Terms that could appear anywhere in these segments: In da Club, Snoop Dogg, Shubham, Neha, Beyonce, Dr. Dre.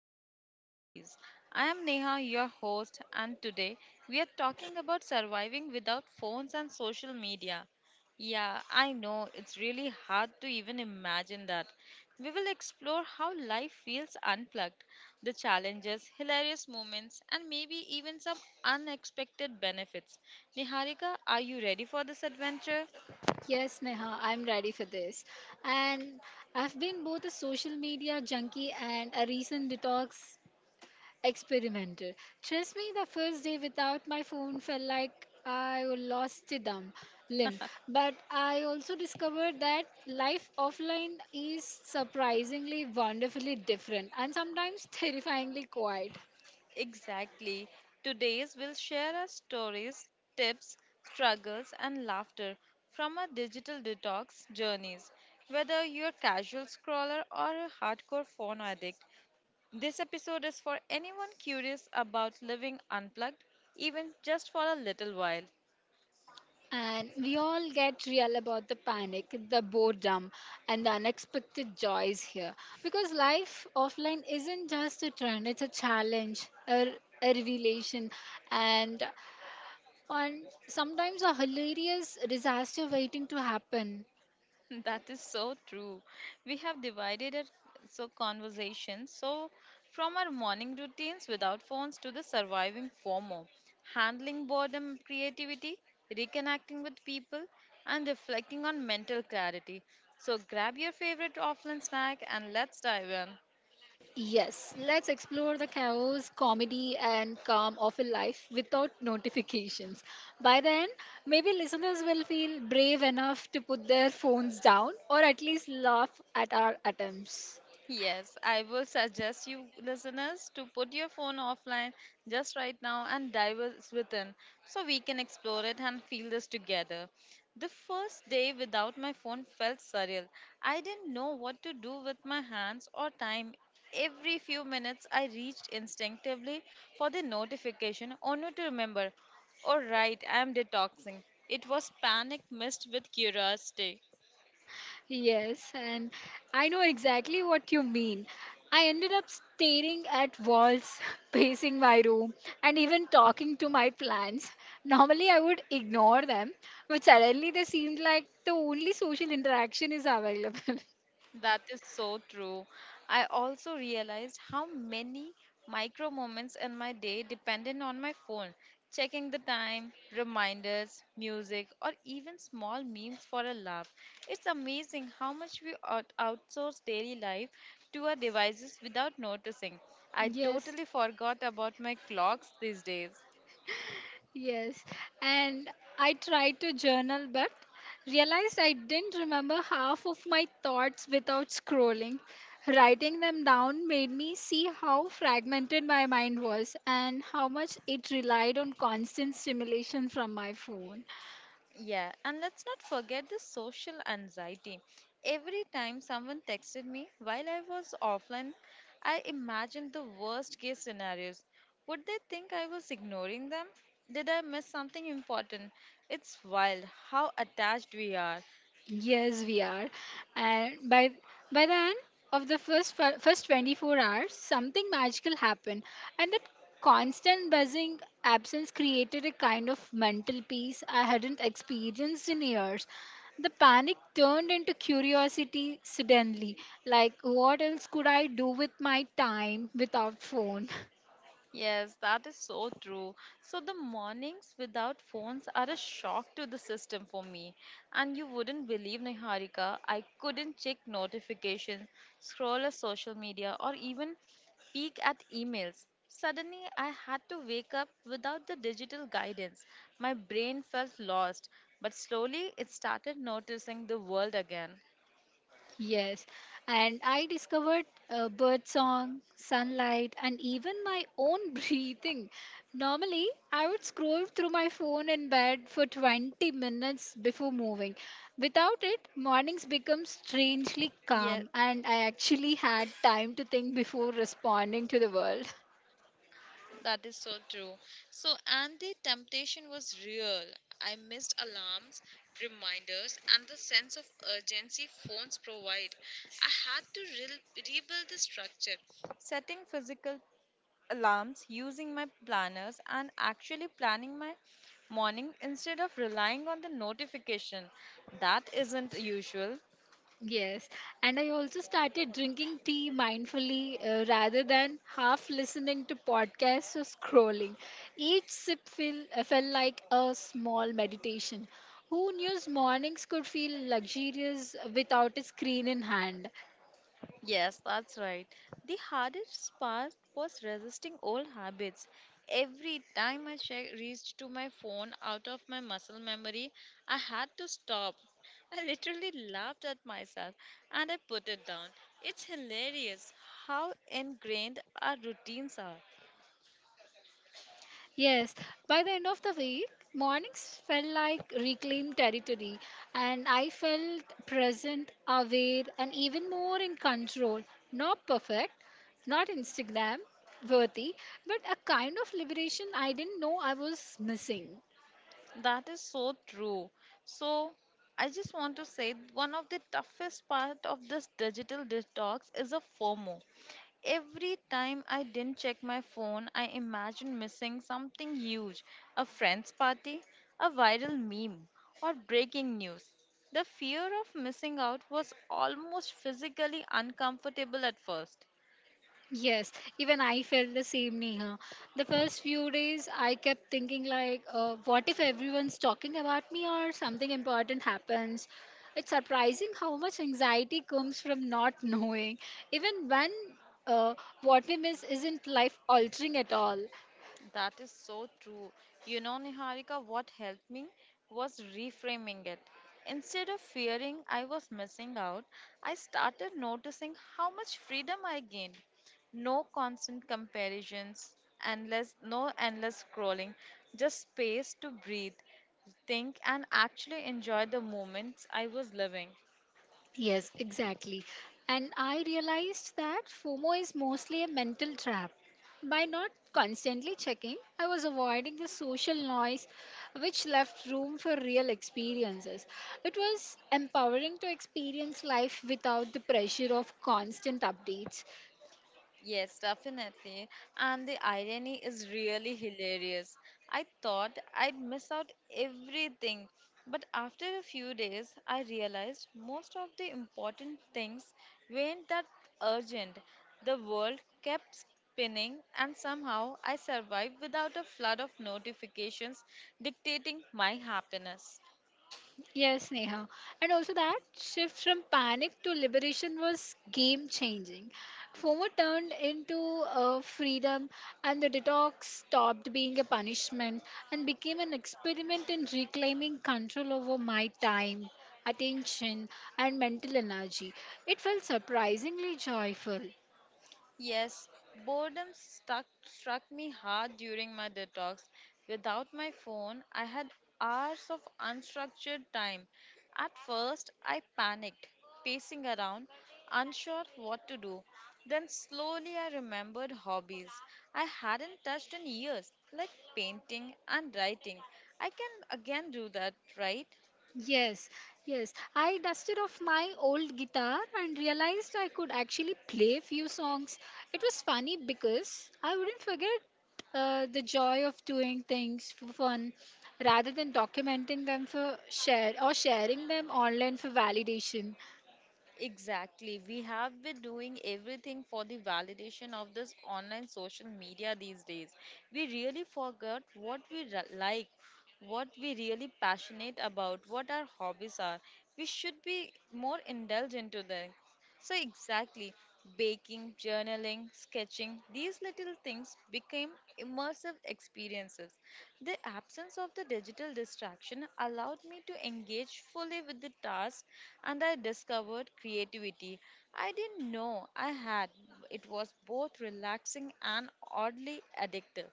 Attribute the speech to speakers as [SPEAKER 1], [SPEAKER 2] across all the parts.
[SPEAKER 1] Detox Diaries. I am Neha, your host, and today we are talking about surviving without phones and social media. Yeah, I know it's really hard to even imagine that. We will explore how life feels unplugged, the challenges, hilarious moments, and maybe even some unexpected benefits. Niharika, are you ready for this adventure?
[SPEAKER 2] Yes, Neha, I'm ready for this. And I've been both a social media junkie and a recent detox experimenter. Trust me, the first day without my phone felt like I lost a dumb limb. But I also discovered that life offline is surprisingly, wonderfully different and sometimes terrifyingly quiet.
[SPEAKER 1] Exactly. Today's will share our stories, tips, struggles, and laughter from our digital detox journeys. Whether you're a casual scroller or a hardcore phone addict, this episode is for anyone curious about living unplugged, even just for a little while.
[SPEAKER 2] And we all get real about the panic, the boredom, and the unexpected joys here. Because life offline isn't just a trend, it's a challenge, a revelation, and, and sometimes a hilarious disaster waiting to happen.
[SPEAKER 1] That is so true. We have divided our so conversations. So from our morning routines without phones to the surviving FOMO, handling boredom, creativity, reconnecting with people, and reflecting on mental clarity. So grab your favorite offline snack and let's dive in.
[SPEAKER 2] Yes, let's explore the chaos, comedy, and calm of a life without notifications. By then, maybe listeners will feel brave enough to put their phones down or at least laugh at our attempts.
[SPEAKER 1] Yes, I would suggest you listeners to put your phone offline just right now and dive us within so we can explore it and feel this together. The first day without my phone felt surreal. I didn't know what to do with my hands or time. Every few minutes, I reached instinctively for the notification only to remember, all right, I am detoxing. It was panic mixed with curiosity.
[SPEAKER 2] Yes, and I know exactly what you mean. I ended up staring at walls, pacing my room, and even talking to my plants. Normally, I would ignore them, but suddenly they seemed like the only social interaction is available.
[SPEAKER 1] That is so true. I also realized how many micro moments in my day depended on my phone. Checking the time, reminders, music, or even small memes for a laugh. It's amazing how much we outsource daily life to our devices without noticing. I
[SPEAKER 2] Yes,
[SPEAKER 1] totally forgot about my clocks these days.
[SPEAKER 2] yes. And I tried to journal, but realized I didn't remember half of my thoughts without scrolling. Writing them down made me see how fragmented my mind was and how much it relied on constant stimulation from my phone.
[SPEAKER 1] Yeah, and let's not forget the social anxiety. Every time someone texted me while I was offline, I imagined the worst case scenarios. Would they think I was ignoring them? Did I miss something important? It's wild how attached we are.
[SPEAKER 2] Yes, we are. And by the end of the first 24 hours, something magical happened, and that constant buzzing absence created a kind of mental peace I hadn't experienced in years. The panic turned into curiosity suddenly, like what else could I do with my time without phone?
[SPEAKER 1] Yes, that is so true. So the mornings without phones are a shock to the system for me. And you wouldn't believe, Niharika, I couldn't check notifications, scroll a social media, or even peek at emails. Suddenly, I had to wake up without the digital guidance. My brain felt lost, but slowly it started noticing the world again.
[SPEAKER 2] Yes, and I discovered bird song, sunlight, and even my own breathing. Normally, I would scroll through my phone in bed for 20 minutes before moving. Without it, mornings become
[SPEAKER 1] Yes,
[SPEAKER 2] strangely calm, and I actually had time to think before responding to the world.
[SPEAKER 1] that is so true. So, and the temptation was real. I missed alarms, reminders, and the sense of urgency phones provide. I had to rebuild the structure. Setting physical alarms, using my planners, and actually planning my morning instead of relying on the notification. That isn't usual.
[SPEAKER 2] Yes, and I also started drinking tea mindfully rather than half listening to podcasts or scrolling. Each sip felt like a small meditation. Who knew mornings could feel luxurious without a screen in hand?
[SPEAKER 1] Yes, that's right. The hardest part was resisting old habits. Every time I reached to my phone out of my muscle memory, I had to stop. I literally laughed at myself and I put it down. It's hilarious how ingrained our routines are.
[SPEAKER 2] Yes, by the end of the week, mornings felt like reclaimed territory, and I felt present, aware, and even more in control. Not perfect, not Instagram worthy, but a kind of liberation I didn't know I was missing.
[SPEAKER 1] That is so true. So, I just want to say one of the toughest part of this digital detox is a FOMO. Every time I didn't check my phone, I imagined missing something huge, a friend's party, a viral meme, or breaking news. The fear of missing out was almost physically uncomfortable at first.
[SPEAKER 2] Yes, even I felt the same, Neha. The first few days, I kept thinking like, what if everyone's talking about me or something important happens? It's surprising how much anxiety comes from not knowing. Even when uh, what we miss isn't life altering at all.
[SPEAKER 1] That is so true. You know, Niharika, what helped me was reframing it. Instead of fearing I was missing out, I started noticing how much freedom I gained. No constant comparisons, no endless scrolling, just space to breathe, think, and actually enjoy the moments I was living.
[SPEAKER 2] Yes, exactly. And I realized that FOMO is mostly a mental trap. By not constantly checking, I was avoiding the social noise which left room for real experiences. It was empowering to experience life without the pressure of constant updates.
[SPEAKER 1] Yes, definitely. And the irony is really hilarious. I thought I'd miss out everything, but after a few days, I realized most of the important things weren't that urgent. The world kept spinning, and somehow I survived without a flood of notifications dictating my happiness.
[SPEAKER 2] Yes, Neha. And also that shift from panic to liberation was game changing. FOMO turned into a freedom, and the detox stopped being a punishment and became an experiment in reclaiming control over my time, attention, and mental energy. It felt surprisingly joyful.
[SPEAKER 1] Yes, boredom struck me hard during my detox. Without my phone, I had hours of unstructured time. At first, I panicked, pacing around, unsure what to do. Then, slowly, I remembered hobbies I hadn't touched in years, like painting and writing. I can again do that, right?
[SPEAKER 2] Yes, yes. I dusted off my old guitar and realized I could actually play a few songs. It was funny because I wouldn't forget the joy of doing things for fun rather than documenting them for share or sharing them online for validation.
[SPEAKER 1] Exactly. We have been doing everything for the validation of this online social media these days. We really forgot what we like, what we really passionate about, what our hobbies are. We should be more indulgent to them. So, exactly, baking, journaling, sketching, these little things became immersive experiences. The absence of the digital distraction allowed me to engage fully with the task and I discovered creativity. I didn't know I had. It was both relaxing and oddly addictive.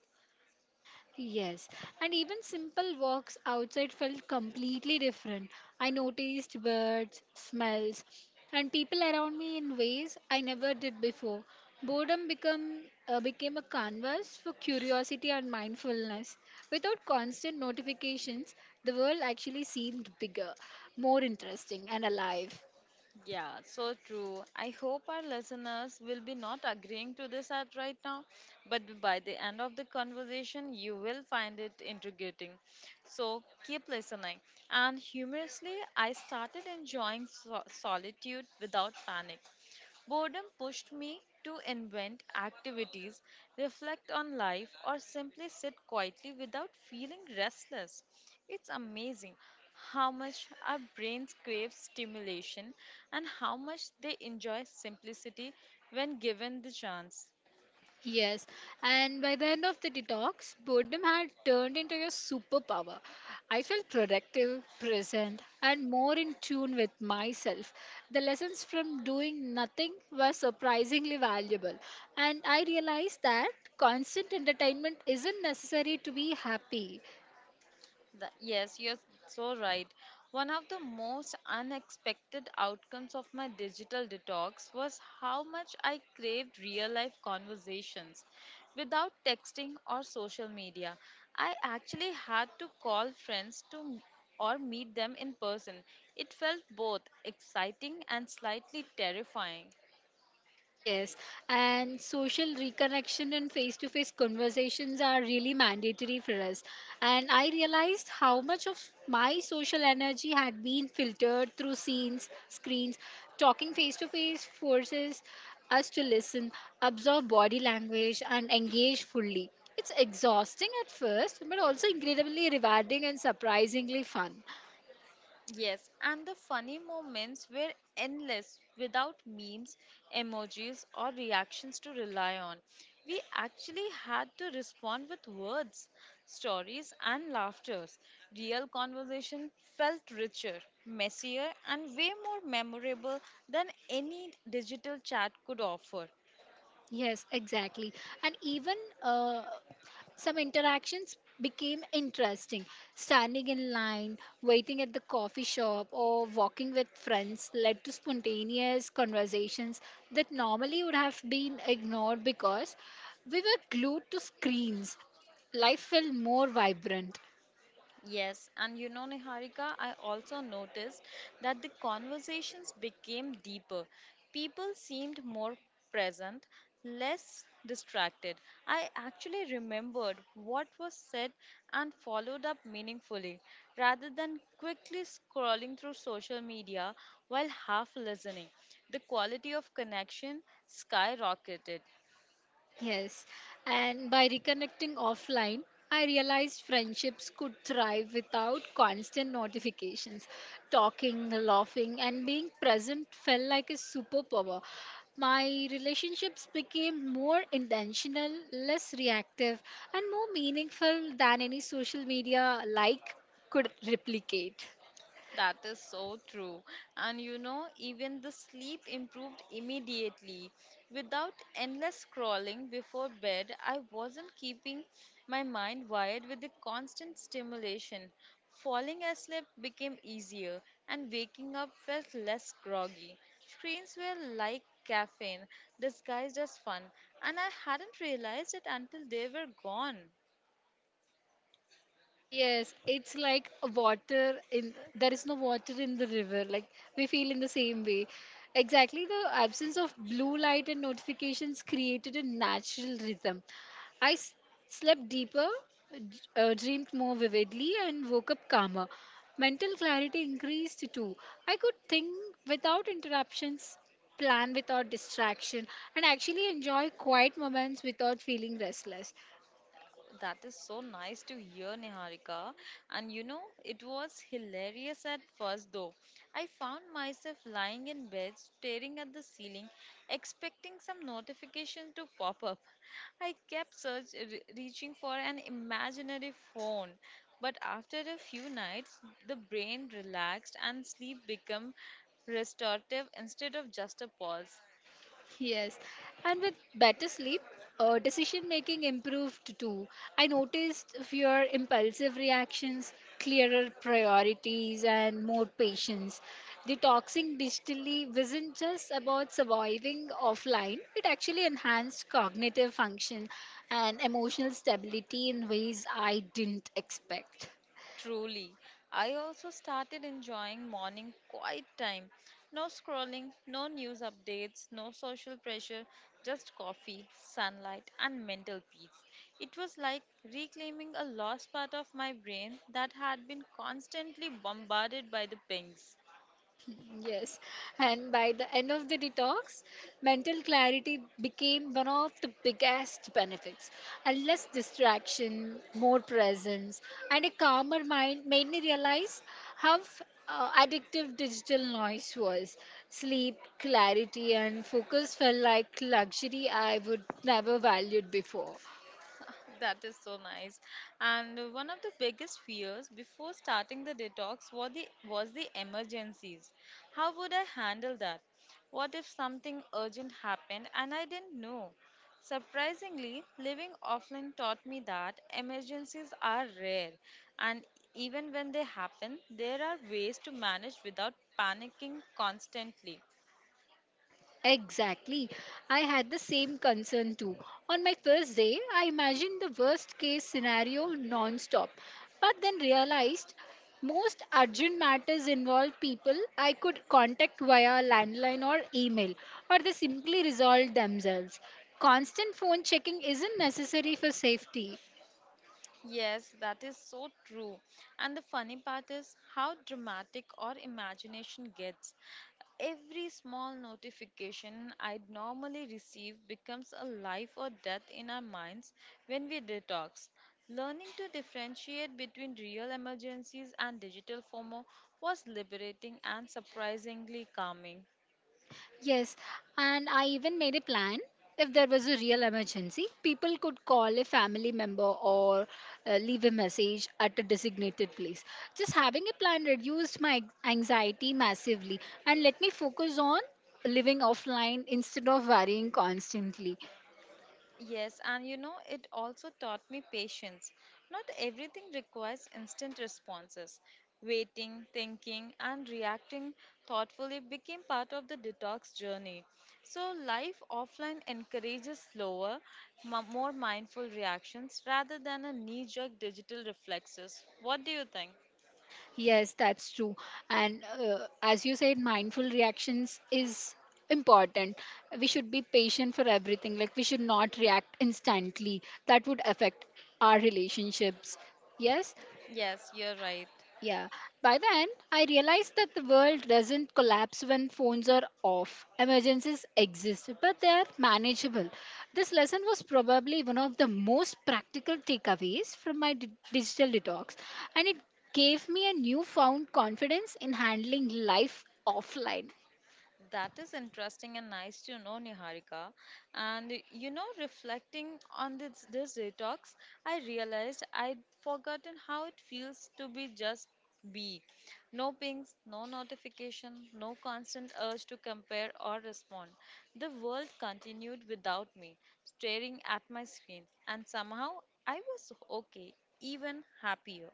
[SPEAKER 2] Yes, and even simple walks outside felt completely different. I noticed birds, smells, and people around me in ways I never did before. Boredom became a canvas for curiosity and mindfulness. Without constant notifications, the world actually seemed bigger, more interesting, and alive.
[SPEAKER 1] Yeah, so true. I hope our listeners will be not agreeing to this at right now, but by the end of the conversation, you will find it intriguing. So keep listening. And humorously, I started enjoying solitude without panic. Boredom pushed me to invent activities, reflect on life, or simply sit quietly without feeling restless. It's amazing how much our brains crave stimulation and how much they enjoy simplicity when given the chance.
[SPEAKER 2] Yes, and by the end of the detox, boredom had turned into your superpower. I felt productive, present, and more in tune with myself. The lessons from doing nothing were surprisingly valuable, and I realized that constant entertainment isn't necessary to be happy.
[SPEAKER 1] That, yes, you're so right. One of the most unexpected outcomes of my digital detox was how much I craved real life conversations. Without texting or social media, I actually had to call friends or meet them in person. It felt both exciting and slightly terrifying.
[SPEAKER 2] Yes, and social reconnection and face to face conversations are really mandatory for us. And I realized how much of my social energy had been filtered through scenes, screens. Talking face to face forces us to listen, absorb body language, and engage fully. It's exhausting at first, but also incredibly rewarding and surprisingly fun.
[SPEAKER 1] Yes, and the funny moments were endless without memes, emojis, or reactions to rely on. We actually had to respond with words, stories, and laughters. Real conversation felt richer, messier, and way more memorable than any digital chat could offer.
[SPEAKER 2] Yes, exactly. And even uh, some interactions became interesting. Standing in line, waiting at the coffee shop, or walking with friends led to spontaneous conversations that normally would have been ignored because we were glued to screens. Life felt more vibrant.
[SPEAKER 1] Yes, and you know, Niharika, I also noticed that the conversations became deeper. People seemed more present, less distracted. I actually remembered what was said and followed up meaningfully rather than quickly scrolling through social media while half listening. The quality of connection skyrocketed.
[SPEAKER 2] Yes, and by reconnecting offline, I realized friendships could thrive without constant notifications. Talking, laughing, and being present felt like a superpower. My relationships became more intentional, less reactive, and more meaningful than any social media like could replicate.
[SPEAKER 1] That is so true. And you know, even the sleep improved immediately. Without endless scrolling before bed, I wasn't keeping my mind wired with the constant stimulation. Falling asleep became easier, and waking up felt less groggy. Screens were like caffeine, disguised as fun, and I hadn't realized it until they were gone.
[SPEAKER 2] Yes, it's like a water in there is no water in the river. Like we feel in the same way. Exactly, the absence of blue light and notifications created a natural rhythm. I slept deeper, dreamed more vividly, and woke up calmer. Mental clarity increased too. I could think without interruptions, plan without distraction, and actually enjoy quiet moments without feeling restless.
[SPEAKER 1] That is so nice to hear, Niharika. And you know, it was hilarious at first, though. I found myself lying in bed, staring at the ceiling, expecting some notification to pop up. I kept reaching for an imaginary phone. But after a few nights, the brain relaxed and sleep became restorative instead of just a pause.
[SPEAKER 2] Yes, and with better sleep, decision making improved too. I noticed fewer impulsive reactions, clearer priorities, and more patience. Detoxing digitally wasn't just about surviving offline, it actually enhanced cognitive function and emotional stability in ways I didn't expect.
[SPEAKER 1] Truly. I also started enjoying morning quiet time. No scrolling, no news updates, no social pressure, just coffee, sunlight, and mental peace. It was like reclaiming a lost part of my brain that had been constantly bombarded by the pings.
[SPEAKER 2] Yes, and by the end of the detox, mental clarity became one of the biggest benefits. And less distraction, more presence, and a calmer mind made me realize how addictive digital noise was. Sleep, clarity, and focus felt like luxury I would never valued before.
[SPEAKER 1] That is so nice. And one of the biggest fears before starting the detox was the emergencies. How would I handle that? What if something urgent happened and I didn't know? Surprisingly, living offline taught me that emergencies are rare and even when they happen, there are ways to manage without panicking constantly.
[SPEAKER 2] Exactly. I had the same concern too. On my first day, I imagined the worst case scenario non-stop, but then realized most urgent matters involve people I could contact via landline or email, or they simply resolved themselves. Constant phone checking isn't necessary for safety.
[SPEAKER 1] Yes, that is so true. And the funny part is how dramatic our imagination gets. Every small notification I'd normally receive becomes a life or death in our minds when we detox. Learning to differentiate between real emergencies and digital FOMO was liberating and surprisingly calming.
[SPEAKER 2] Yes, and I even made a plan. If there was a real emergency, people could call a family member or leave a message at a designated place. Just having a plan reduced my anxiety massively and let me focus on living offline instead of worrying constantly.
[SPEAKER 1] Yes, and you know, it also taught me patience. Not everything requires instant responses. Waiting, thinking, and reacting thoughtfully became part of the detox journey. So, life offline encourages slower, more mindful reactions rather than a knee jerk digital reflexes. What do you think?
[SPEAKER 2] Yes, that's true. And as you said, mindful reactions is important. We should be patient for everything. Like, we should not react instantly. That would affect our relationships. Yes,
[SPEAKER 1] Yes, you're right.
[SPEAKER 2] yeah. By then, I realized that the world doesn't collapse when phones are off. Emergencies exist, but they are manageable. This lesson was probably one of the most practical takeaways from my digital detox, and it gave me a newfound confidence in handling life offline.
[SPEAKER 1] That is interesting and nice to know, Niharika. And you know, reflecting on this detox, I realized I'd forgotten how it feels to be just be. No pings, no notification, no constant urge to compare or respond. The world continued without me, staring at my screen, and somehow I was okay, even happier.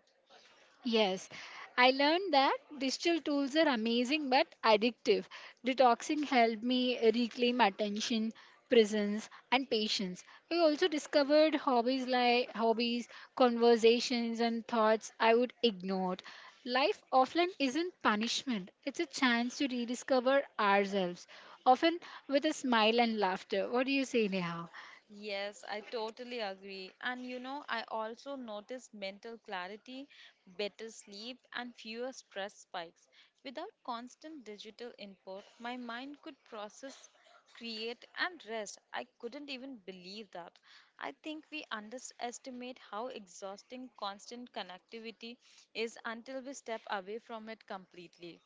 [SPEAKER 2] Yes, I learned that digital tools are amazing but addictive. Detoxing helped me reclaim attention, presence, and patience. I also discovered hobbies like hobbies, conversations, and thoughts I would ignore. Life offline isn't punishment, it's a chance to rediscover ourselves, often with a smile and laughter. What do you say, Neha?
[SPEAKER 1] Yes, I totally agree. And you know, I also notice mental clarity, better sleep, and fewer stress spikes. Without constant digital input, my mind could process, create, and rest. I couldn't even believe that. I think we underestimate how exhausting constant connectivity is until we step away from it completely.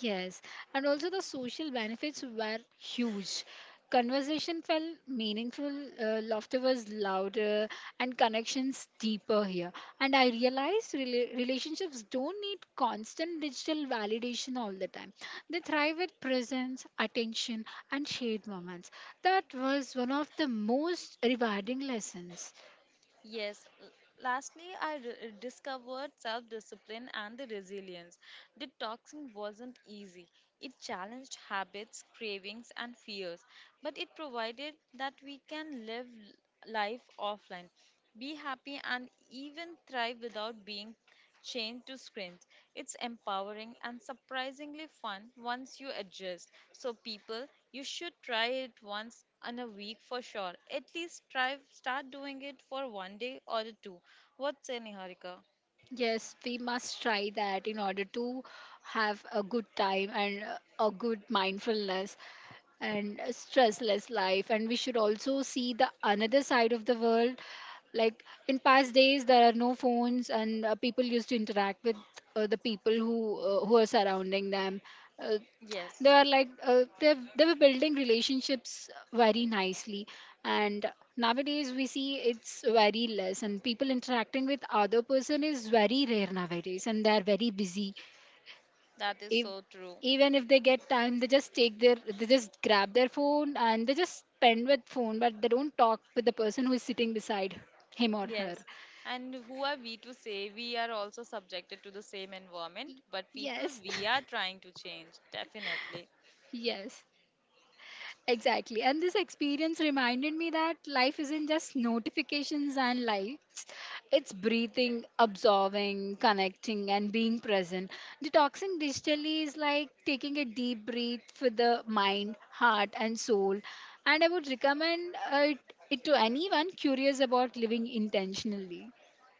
[SPEAKER 2] Yes, and also the social benefits were huge. Conversation felt meaningful, laughter was louder, and connections deeper here. And I realized relationships don't need constant digital validation all the time. They thrive with presence, attention, and shared moments. That was one of the most rewarding lessons.
[SPEAKER 1] Yes, lastly, I discovered self discipline and the resilience. Detoxing wasn't easy. It challenged habits, cravings, and fears, but it provided that we can live life offline, be happy, and even thrive without being chained to screens. It's empowering and surprisingly fun once you adjust. So, people, you should try it once in a week for sure. At least try start doing it for one day or two. What say, Niharika?
[SPEAKER 2] Yes, we must try that in order to have a good time and a good mindfulness and a stressless life. And we should also see the another side of the world. Like in past days, there are no phones, and people used to interact with the people who are surrounding them. Uh, they
[SPEAKER 1] Yes,
[SPEAKER 2] are like they were building relationships very nicely and nowadays we see it's very less and people interacting with other person is very rare nowadays and they are very busy
[SPEAKER 1] that is
[SPEAKER 2] if
[SPEAKER 1] so true.
[SPEAKER 2] even if they get time they just grab their phone and they just spend with phone but they don't talk with the person who is sitting beside him or her.
[SPEAKER 1] Yes, and who are we to say we are also subjected to the same environment, but people
[SPEAKER 2] Yes.
[SPEAKER 1] we are trying to change, definitely.
[SPEAKER 2] Yes. Exactly. And this experience reminded me that life isn't just notifications and lights. It's breathing, absorbing, connecting, and being present. Detoxing digitally is like taking a deep breath for the mind, heart, and soul. And I would recommend it to anyone curious about living intentionally.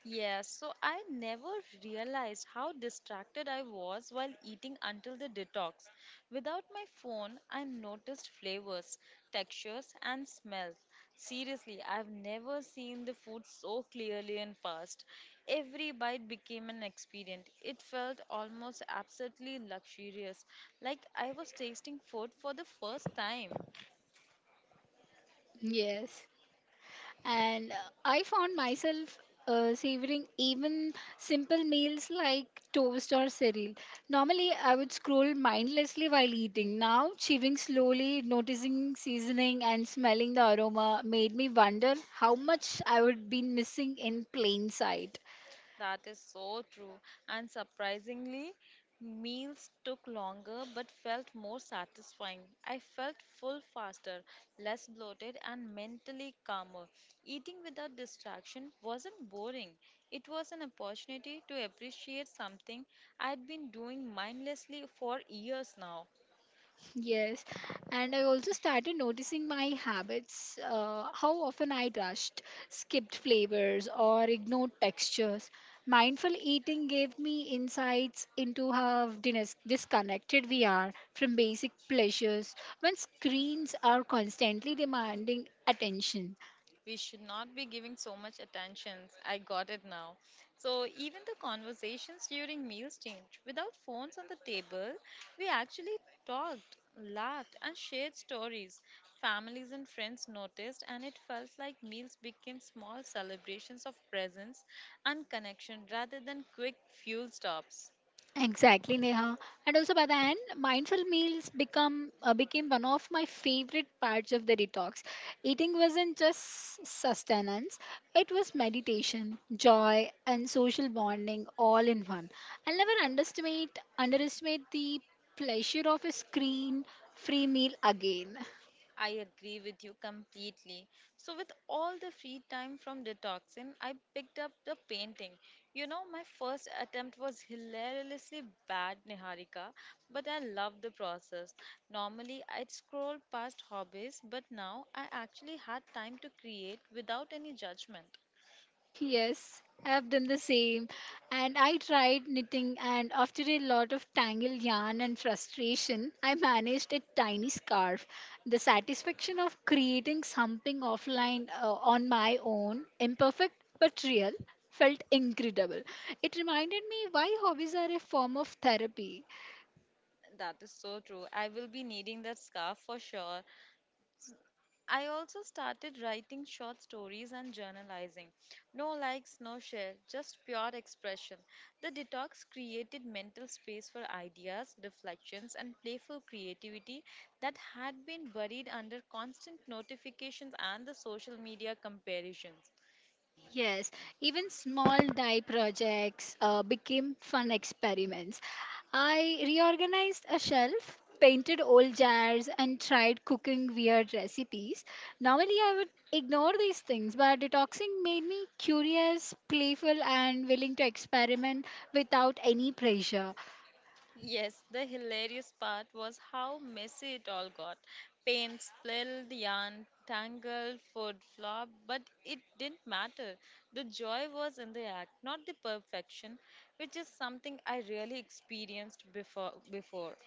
[SPEAKER 1] Yes, so I never realized how distracted I was while eating until the detox. Without my phone, I noticed flavors, textures, and smells. Seriously, I've never seen the food so clearly and fast. Every bite became an experience. It felt almost absolutely luxurious, like I was tasting food for the first time.
[SPEAKER 2] Yes. And I found myself savoring even simple meals like toast or cereal. Normally, I would scroll mindlessly while eating. Now, chewing slowly, noticing seasoning, and smelling the aroma made me wonder how much I would be missing in plain sight.
[SPEAKER 1] That is so true. And surprisingly, meals took longer but felt more satisfying. I felt full faster, less bloated, and mentally calmer. Eating without distraction wasn't boring, it was an opportunity to appreciate something I'd been doing mindlessly for years now.
[SPEAKER 2] Yes, and I also started noticing my habits, how often I rushed, skipped flavors, or ignored textures. Mindful eating gave me insights into how disconnected we are from basic pleasures when screens are constantly demanding attention.
[SPEAKER 1] We should not be giving so much attention. I got it now. So, even the conversations during meals changed. Without phones on the table, we actually talked, laughed, and shared stories. Families and friends noticed, and it felt like meals became small celebrations of presence and connection rather than quick fuel stops.
[SPEAKER 2] Exactly, Neha. And also by the end, mindful meals become became one of my favorite parts of the detox. Eating wasn't just sustenance; it was meditation, joy, and social bonding all in one. I'll never underestimate the pleasure of a screen-free meal again.
[SPEAKER 1] I agree with you completely. So, with all the free time from detoxing, I picked up the painting. My first attempt was hilariously bad, Niharika, but I loved the process. Normally, I'd scroll past hobbies, but now I actually had time to create without any judgment.
[SPEAKER 2] Yes, I've done the same. And I tried knitting, and after a lot of tangled yarn and frustration, I managed a tiny scarf. The satisfaction of creating something offline on my own, imperfect but real, felt incredible. It reminded me why hobbies are a form of therapy.
[SPEAKER 1] That is so true. I will be needing that scarf for sure. I also started writing short stories and journalizing. No likes, no share, just pure expression. The detox created mental space for ideas, reflections, and playful creativity that had been buried under constant notifications and the social media comparisons.
[SPEAKER 2] Yes, even small dye projects became fun experiments. I reorganized a shelf, painted old jars, and tried cooking weird recipes. Normally, I would ignore these things, but detoxing made me curious, playful, and willing to experiment without any pressure.
[SPEAKER 1] Yes, the hilarious part was how messy it all got. Paint spilled, yarn tangled, food flopped, but it didn't matter. The joy was in the act, not the perfection, which is something I really experienced before.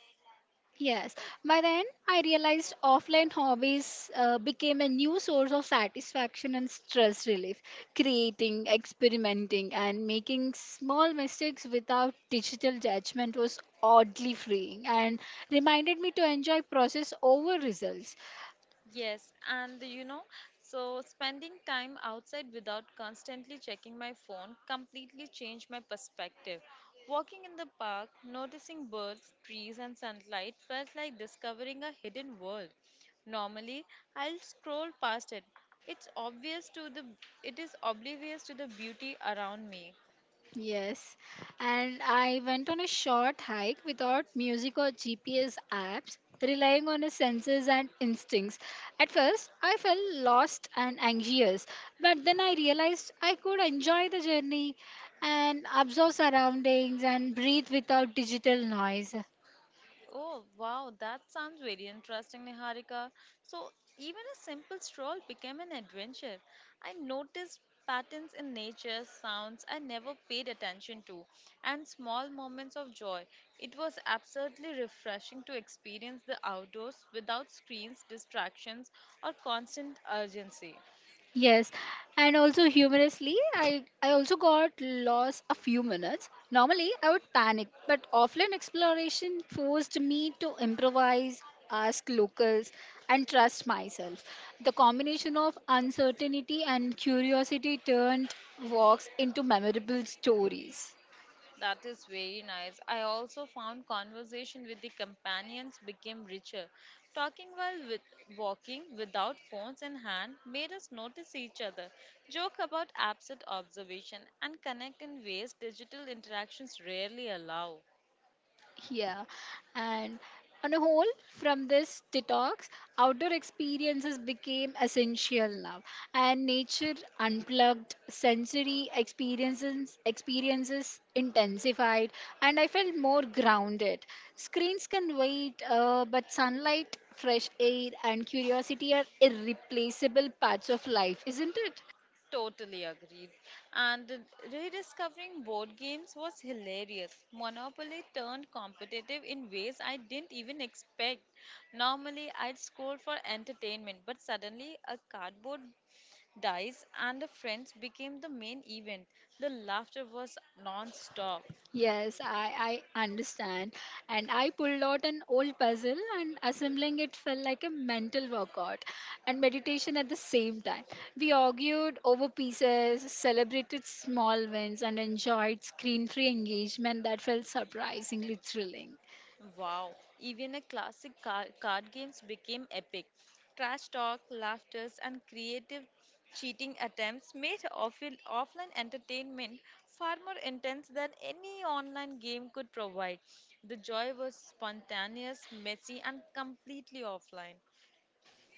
[SPEAKER 2] Yes, by then I realized offline hobbies became a new source of satisfaction and stress relief, creating, experimenting, and making small mistakes without digital judgment was oddly freeing and reminded me to enjoy process over results.
[SPEAKER 1] Yes, and so spending time outside without constantly checking my phone completely changed my perspective. Walking in the park, noticing birds, trees, and sunlight felt like discovering a hidden world. Normally, I'll scroll past it. It's obvious to the, it is oblivious to the beauty around me.
[SPEAKER 2] Yes, and I went on a short hike without music or GPS apps, relying on a senses and instincts. At first, I felt lost and anxious, but then I realized I could enjoy the journey and observe surroundings and breathe without digital noise.
[SPEAKER 1] Oh, wow, that sounds very interesting, Niharika. So, even a simple stroll became an adventure. I noticed patterns in nature, sounds I never paid attention to, and small moments of joy. It was absolutely refreshing to experience the outdoors without screens, distractions, or constant urgency.
[SPEAKER 2] Yes, and also humorously, I also got lost a few minutes. Normally, I would panic, but offline exploration forced me to improvise, ask locals, and trust myself. The combination of uncertainty and curiosity turned walks into memorable stories.
[SPEAKER 1] That is very nice. I also found conversation with the companions became richer. Talking while with, walking without phones in hand made us notice each other, joke about absent observation, and connect in ways digital interactions rarely allow.
[SPEAKER 2] Yeah, and on a whole, from this detox, outdoor experiences became essential now, and nature unplugged, sensory experiences intensified, and I felt more grounded. Screens can wait, but sunlight, fresh air, and curiosity are irreplaceable parts of life, isn't it?
[SPEAKER 1] Totally agreed. And rediscovering board games was hilarious. Monopoly turned competitive in ways I didn't even expect. Normally, I'd scroll for entertainment, but suddenly a cardboard dice and a friends became the main event. The laughter was non-stop.
[SPEAKER 2] Yes, I understand. And I pulled out an old puzzle and assembling it felt like a mental workout and meditation at the same time. We argued over pieces, celebrated small wins, and enjoyed screen free engagement that felt surprisingly thrilling.
[SPEAKER 1] Wow, even a card games became epic. Trash talk, laughters, and creative cheating attempts made offline entertainment far more intense than any online game could provide. The joy was spontaneous, messy, and completely offline.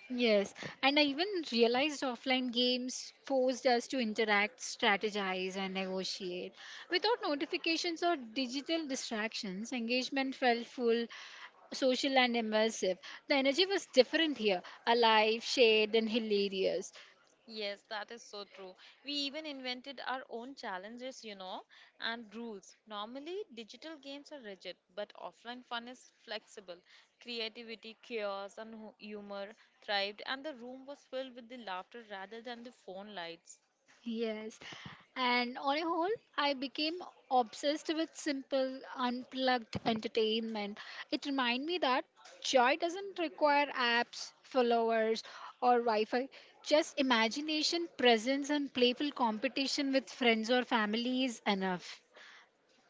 [SPEAKER 2] Yes, and I even realized offline games forced us to interact, strategize, and negotiate. Without notifications or digital distractions, engagement felt full, social, and immersive. The energy was different here alive, shared, and hilarious.
[SPEAKER 1] Yes, that is so true. We even invented our own challenges, and rules. Normally, digital games are rigid, but offline fun is flexible. Creativity, chaos, and humor thrived, and the room was filled with the laughter rather than the phone lights.
[SPEAKER 2] Yes. And on a whole, I became obsessed with simple, unplugged entertainment. It reminded me that joy doesn't require apps, followers, or Wi Fi. Just imagination, presence, and playful competition with friends or family is enough.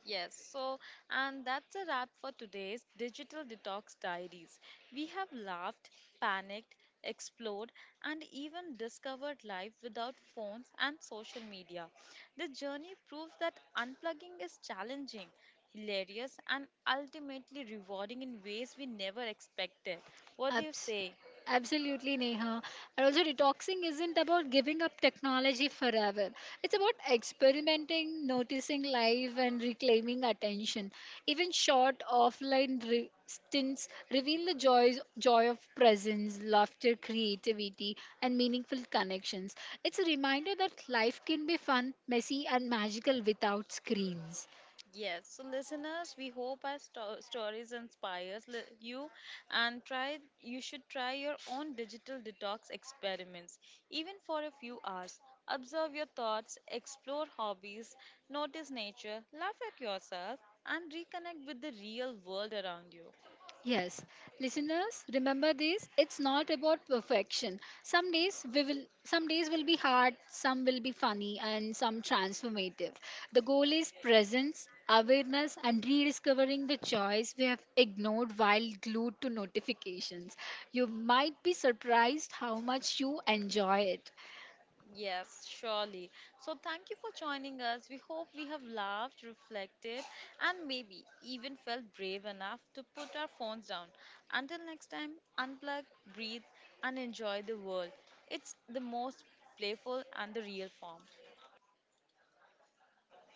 [SPEAKER 1] Yes, so and that's a wrap for today's Digital Detox Diaries. We have laughed, panicked, explored, and even discovered life without phones and social media. The journey proves that unplugging is challenging, hilarious, and ultimately rewarding in ways we never expected. What do you
[SPEAKER 2] Abs-
[SPEAKER 1] say?
[SPEAKER 2] Absolutely, Neha. And also, detoxing isn't about giving up technology forever. It's about experimenting, noticing life, and reclaiming attention. Even short offline stints reveal the joy of presence, laughter, creativity, and meaningful connections. It's a reminder that life can be fun, messy, and magical without screens.
[SPEAKER 1] Yes, so listeners, we hope our stories inspires you and try you should try your own digital detox experiments even for a few hours. Observe your thoughts, explore hobbies, notice nature, laugh at yourself and reconnect with the real world around you.
[SPEAKER 2] Yes, listeners, remember this. It's not about perfection. Some days will be hard, some will be funny and some transformative. The goal is presence, awareness and rediscovering the joys we have ignored while glued to notifications. You might be surprised how much you enjoy it.
[SPEAKER 1] Yes, surely. So, thank you for joining us. We hope we have laughed, reflected, and maybe even felt brave enough to put our phones down. Until next time, unplug, breathe, and enjoy the world. It's the most playful and the real form.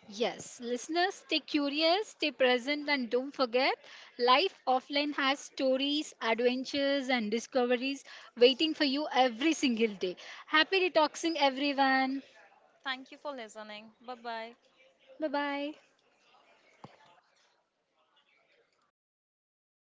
[SPEAKER 2] Yes, listeners, stay curious, stay present, and don't forget life offline has stories, adventures, and discoveries waiting for you every single day. Happy detoxing, everyone.
[SPEAKER 1] Thank you for listening. Bye bye.
[SPEAKER 2] Bye bye.